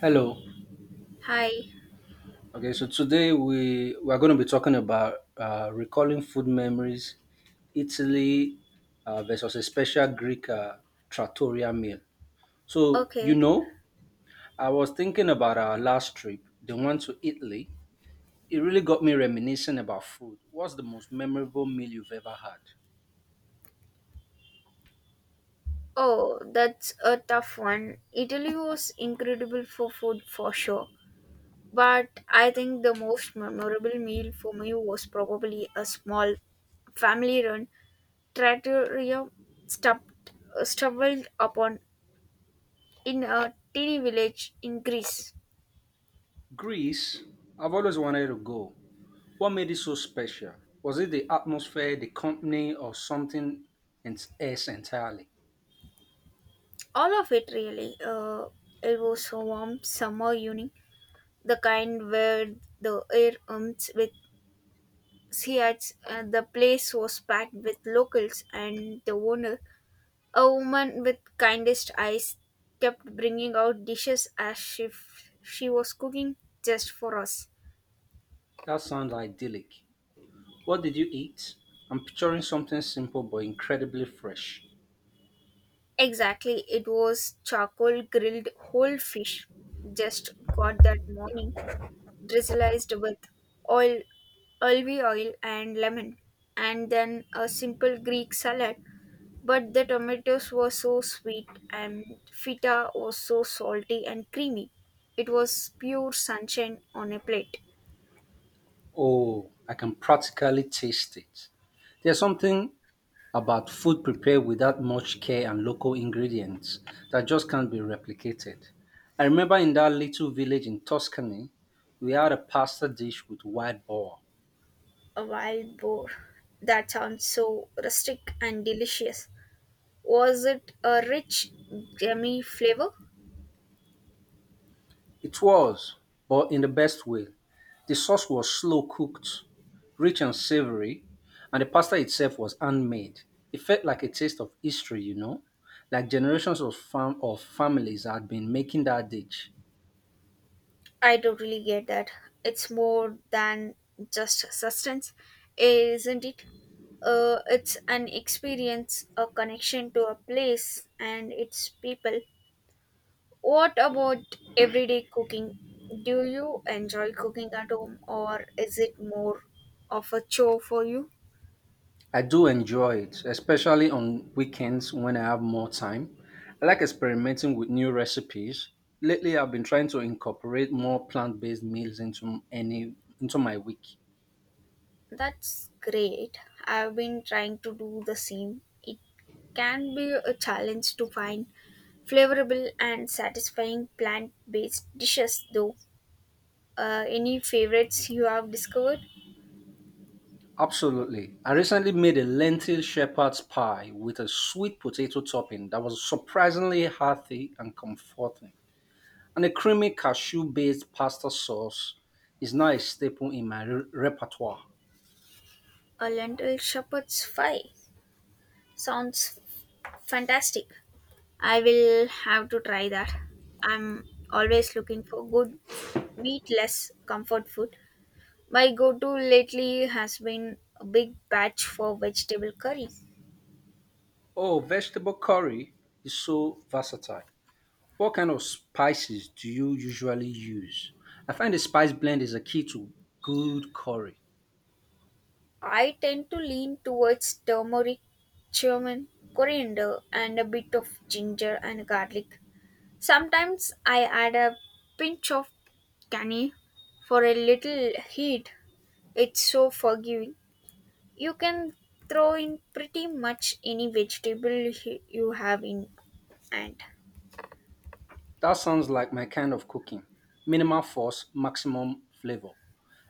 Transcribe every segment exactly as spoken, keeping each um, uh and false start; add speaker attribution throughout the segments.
Speaker 1: Hello.
Speaker 2: Hi.
Speaker 1: Okay, so today we we are going to be talking about uh, recalling food memories, Italy uh, versus a special Greek uh, trattoria meal. So
Speaker 2: Okay.
Speaker 1: you know, I was thinking about our last trip, the one to Italy. It really got me reminiscing about food. What's the most memorable meal you've ever had?
Speaker 2: Oh, that's a tough one. Italy was incredible for food for sure. But I think the most memorable meal for me was probably a small family run trattoria stuffed, uh, stumbled upon in a teeny village in Greece.
Speaker 1: Greece. I've always wanted to go. What made it so special? Was it the atmosphere, the company, or something en- else entirely?
Speaker 2: All of it really. Uh, it was a warm summer evening, the kind where the air hums with See, at uh, the place was packed with locals, and the owner, a woman with kindest eyes, kept bringing out dishes as if she was cooking just for us.
Speaker 1: That sounds idyllic. What did you eat? I'm picturing something simple but incredibly fresh.
Speaker 2: Exactly, it was charcoal grilled whole fish, just got that morning, drizzled with oil, olive oil, and lemon, and then a simple Greek salad. But the tomatoes were so sweet, and feta was so salty and creamy. It was pure sunshine on a plate.
Speaker 1: Oh, I can practically taste it. There's something about food prepared without much care and local ingredients that just can't be replicated. I remember in that little village in Tuscany, we had a pasta dish with wild boar.
Speaker 2: A wild boar. That sounds so rustic and delicious. Was it a rich, gummy flavor?
Speaker 1: It was, but in the best way. The sauce was slow cooked, rich and savory, and the pasta itself was handmade. It felt like a taste of history, you know, like generations of fam- of families had been making that dish.
Speaker 2: I don't really get that. It's more than just sustenance, isn't it? Uh, it's an experience, a connection to a place and its people. What about everyday cooking? Do you enjoy cooking at home or is it more of a chore for you?
Speaker 1: I do enjoy it, especially on weekends when I have more time. I like experimenting with new recipes. Lately, I've been trying to incorporate more plant-based meals into any into my week.
Speaker 2: That's great. I've been trying to do the same. It can be a challenge to find flavorable and satisfying plant based dishes, though. Uh, any favorites you have discovered?
Speaker 1: Absolutely. I recently made a lentil shepherd's pie with a sweet potato topping that was surprisingly hearty and comforting. And a creamy cashew based pasta sauce is now a staple in my re- repertoire.
Speaker 2: A lentil shepherd's pie sounds fantastic. I will have to try that. I'm always looking for good meatless comfort food. My go to lately has been a big batch for vegetable curry.
Speaker 1: Oh, vegetable curry is so versatile. What kind of spices do you usually use? I find the spice blend is a key to good curry.
Speaker 2: I tend to lean towards turmeric, cumin, coriander, and a bit of ginger and garlic. Sometimes I add a pinch of canny for a little heat. It's so forgiving. You can throw in pretty much any vegetable you have in hand.
Speaker 1: That sounds like my kind of cooking minimal force, maximum flavor.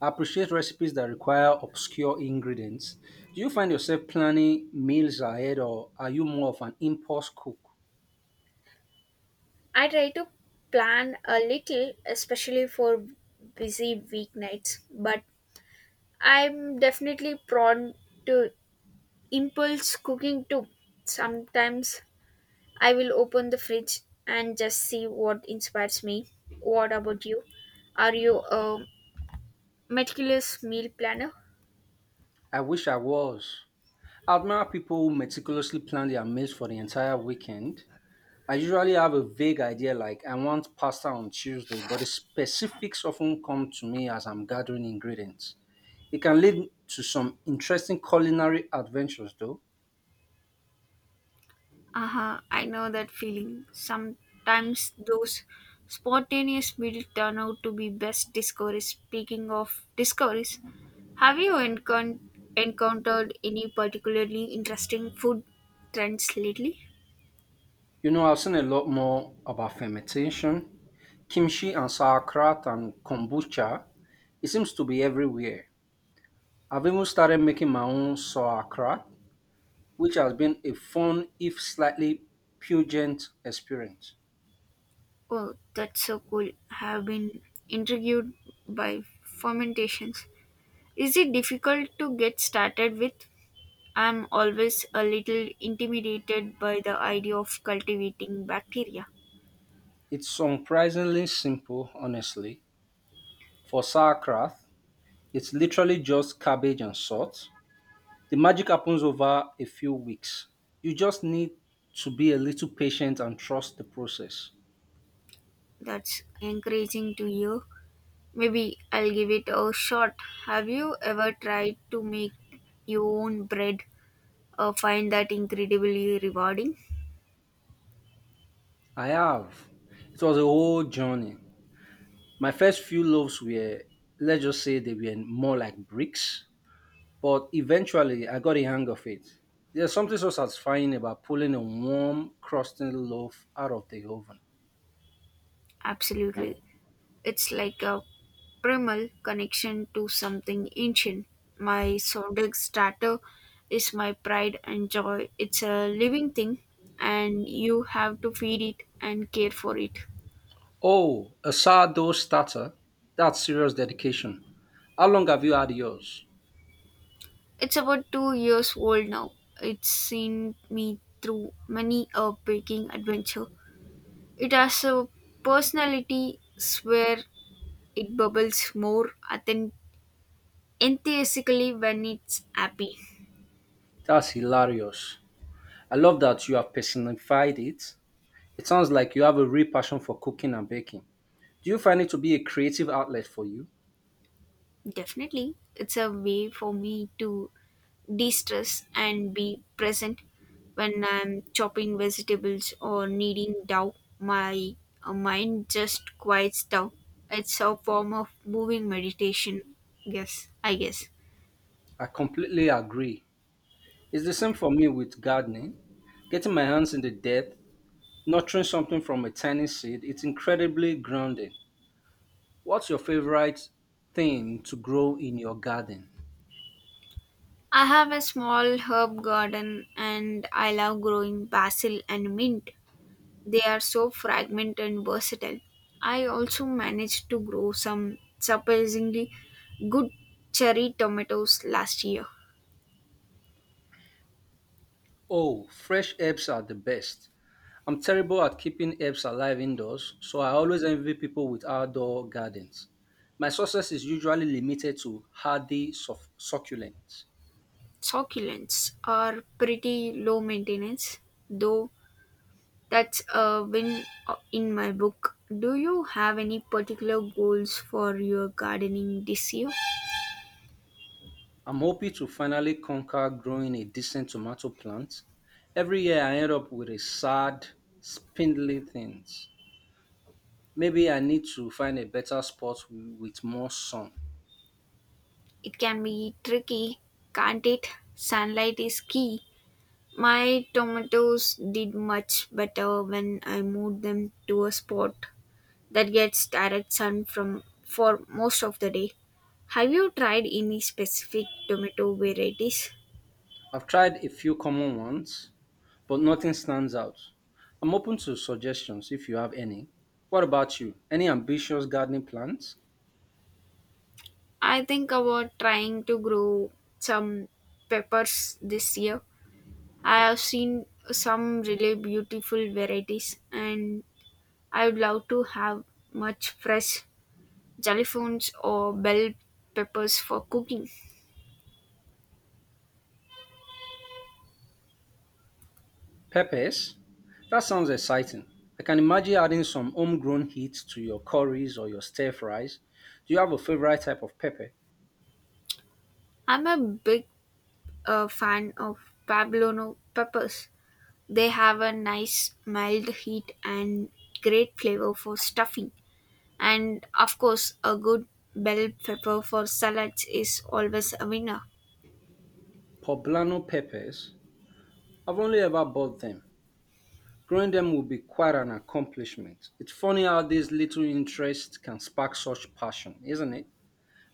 Speaker 1: I appreciate recipes that require obscure ingredients. Do you find yourself planning meals ahead or are you more of an impulse cook?
Speaker 2: I try to plan a little, especially for busy weeknights, but I'm definitely prone to impulse cooking too. Sometimes I will open the fridge and just see what inspires me. What about you? Are you a meticulous meal planner?
Speaker 1: I wish I was. I admire people who meticulously plan their meals for the entire weekend. I usually have a vague idea like I want pasta on Tuesday, but the specifics often come to me as I'm gathering ingredients. It can lead to some interesting culinary adventures though.
Speaker 2: Uh huh. I know that feeling. Sometimes those spontaneous builds turn out to be best discoveries. Speaking of discoveries, have you encon- encountered any particularly interesting food trends lately?
Speaker 1: You know, I've seen a lot more about fermentation, kimchi and sauerkraut and kombucha. It seems to be everywhere. I've even started making my own sauerkraut, which has been a fun, if slightly pungent, experience.
Speaker 2: Oh, that's so cool. I have been intrigued by fermentations. Is it difficult to get started with? I'm always a little intimidated by the idea of cultivating bacteria.
Speaker 1: It's surprisingly simple, honestly. For sauerkraut, it's literally just cabbage and salt. The magic happens over a few weeks. You just need to be a little patient and trust the process.
Speaker 2: That's encouraging to you. Maybe I'll give it a shot. Have you ever tried to make your own bread or find that incredibly rewarding?
Speaker 1: I have. It was a whole journey. My first few loaves were, let's just say, they were more like bricks. But eventually, I got the hang of it. There's something so satisfying about pulling a warm, crusty loaf out of the oven.
Speaker 2: Absolutely. It's like a primal connection to something ancient. My sourdough starter is my pride and joy. It's a living thing and you have to feed it and care for it.
Speaker 1: Oh, a sourdough starter? That's serious dedication. How long have you had yours?
Speaker 2: It's about two years old now. It's seen me through many a baking adventure. It has a personality where it bubbles more authen- enthusiastically when it's happy.
Speaker 1: That's hilarious. I love that you have personified it. It sounds like you have a real passion for cooking and baking. Do you find it to be a creative outlet for you?
Speaker 2: Definitely, it's a way for me to de-stress and be present when I'm chopping vegetables or kneading dough. My uh, mind just quiets down. It's a form of moving meditation. Yes, I guess.
Speaker 1: I completely agree. It's the same for me with gardening. Getting my hands in the dirt, nurturing something from a tiny seed, it's incredibly grounding. What's your favorite thing to grow in your garden?
Speaker 2: I have a small herb garden and I love growing basil and mint. They are so fragrant and versatile. I also managed to grow some surprisingly good cherry tomatoes last year.
Speaker 1: Oh, fresh herbs are the best. I'm terrible at keeping herbs alive indoors, so I always envy people with outdoor gardens. My success is usually limited to hardy suff- succulents.
Speaker 2: Succulents are pretty low maintenance, though that's a win uh, in my book. Do you have any particular goals for your gardening this year?
Speaker 1: I'm hoping to finally conquer growing a decent tomato plant. Every year I end up with a sad, spindly things. Maybe I need to find a better spot wi- with more sun.
Speaker 2: It can be tricky, can't it? Sunlight is key. My tomatoes did much better when I moved them to a spot that gets direct sun from for most of the day. Have you tried any specific tomato varieties?
Speaker 1: I've tried a few common ones, but nothing stands out. I'm open to suggestions if you have any. What about you? Any ambitious gardening plans?
Speaker 2: I think about trying to grow some peppers this year. I have seen some really beautiful varieties and I would love to have much fresh jalapenos or bell peppers for cooking.
Speaker 1: Peppers? That sounds exciting. I can imagine adding some homegrown heat to your curries or your stir fries. Do you have a favorite type of pepper?
Speaker 2: I'm a big uh, fan of poblano peppers. They have a nice mild heat and great flavor for stuffing. And of course, a good bell pepper for salads is always a winner.
Speaker 1: Poblano peppers. I've only ever bought them. Growing them would be quite an accomplishment. It's funny how this little interest can spark such passion, isn't it?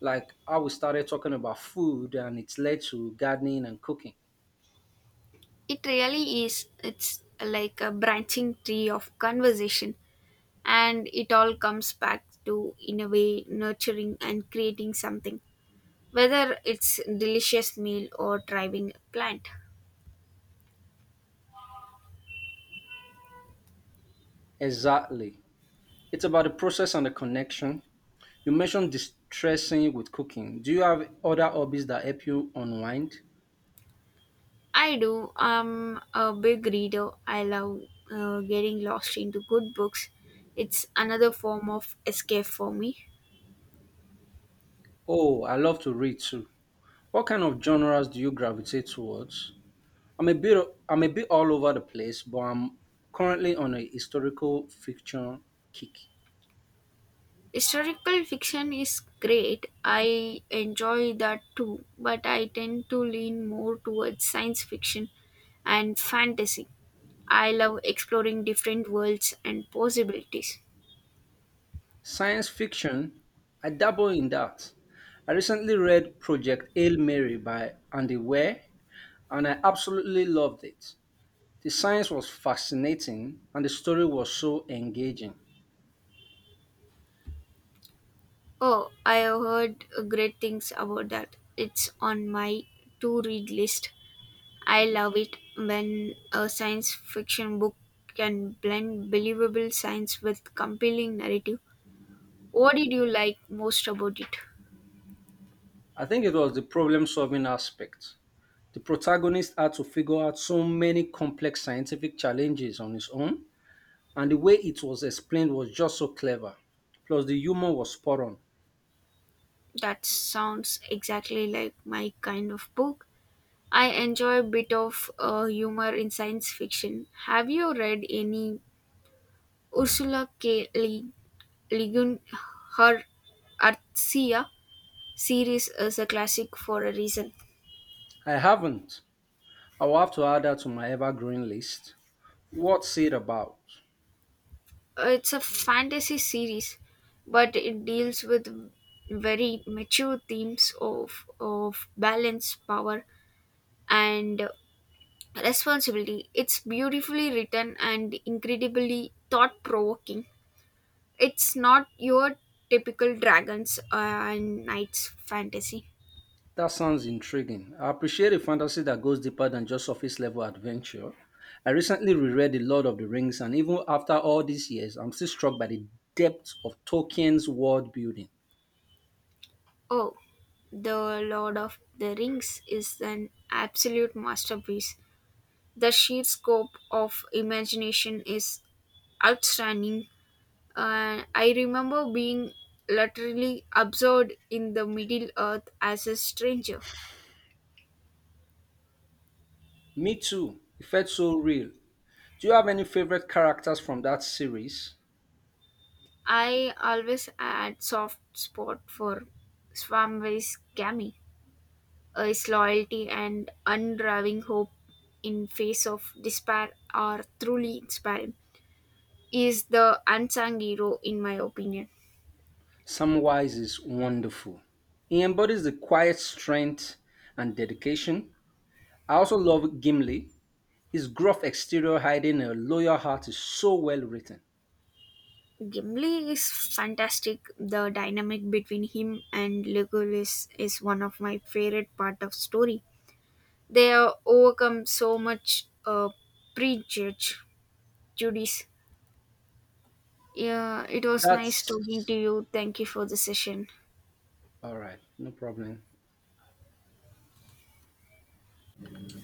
Speaker 1: Like how we started talking about food and it's led to gardening and cooking.
Speaker 2: It really is. It's like a branching tree of conversation, and it all comes back to, in a way, nurturing and creating something, whether it's delicious meal or thriving plant.
Speaker 1: Exactly. It's about the process and the connection. You mentioned distressing with cooking. Do you have other hobbies that help you unwind?
Speaker 2: I do. I'm a big reader. I love uh, getting lost into good books. It's another form of escape for me.
Speaker 1: Oh, I love to read too. What kind of genres do you gravitate towards? I'm a bit I'm a bit all over the place, but I'm currently on a historical fiction kick.
Speaker 2: Historical fiction is great. I enjoy that too, but I tend to lean more towards science fiction and fantasy. I love exploring different worlds and possibilities.
Speaker 1: Science fiction, I dabble in that. I recently read Project Hail Mary by Andy Weir, and I absolutely loved it. The science was fascinating, and the story was so engaging.
Speaker 2: Oh, I have heard great things about that. It's on my to read list. I love it when a science fiction book can blend believable science with compelling narrative. What did you like most about it?
Speaker 1: I think it was the problem solving aspect. The protagonist had to figure out so many complex scientific challenges on his own. And the way it was explained was just so clever. Plus, the humor was spot on.
Speaker 2: That sounds exactly like my kind of book. I enjoy a bit of uh, humor in science fiction. Have you read any Ursula K. Le Le Guin? Her Arcia series is a classic for a reason.
Speaker 1: I haven't. I will have to add that to my ever-growing list. What's it about?
Speaker 2: It's a fantasy series, but it deals with very mature themes of, of balance, power, and responsibility. It's beautifully written and incredibly thought provoking. It's not your typical dragons and knights fantasy.
Speaker 1: That sounds intriguing. I appreciate a fantasy that goes deeper than just surface level adventure. I recently reread The Lord of the Rings, and even after all these years, I'm still struck by the depth of Tolkien's world building.
Speaker 2: Oh, The Lord of the Rings is an absolute masterpiece. The sheer scope of imagination is outstanding. Uh, I remember being literally absorbed in the Middle Earth as a stranger.
Speaker 1: Me too. It felt so real. Do you have any favorite characters from that series?
Speaker 2: I always had soft spot for Swamway's Cammy, his loyalty and unraving hope in face of despair are truly inspiring. He is the unsung hero in my opinion.
Speaker 1: Samwise is wonderful. He embodies the quiet strength and dedication. I also love Gimli. His gruff exterior hiding a loyal heart is so well written.
Speaker 2: Gimli is fantastic. The dynamic between him and Legolas is one of my favorite part of story. They uh, overcome so much uh, prejudge Judy's Yeah, it was nice
Speaker 1: That's
Speaker 2: talking to you. Thank you for the session.
Speaker 1: all right, no problem.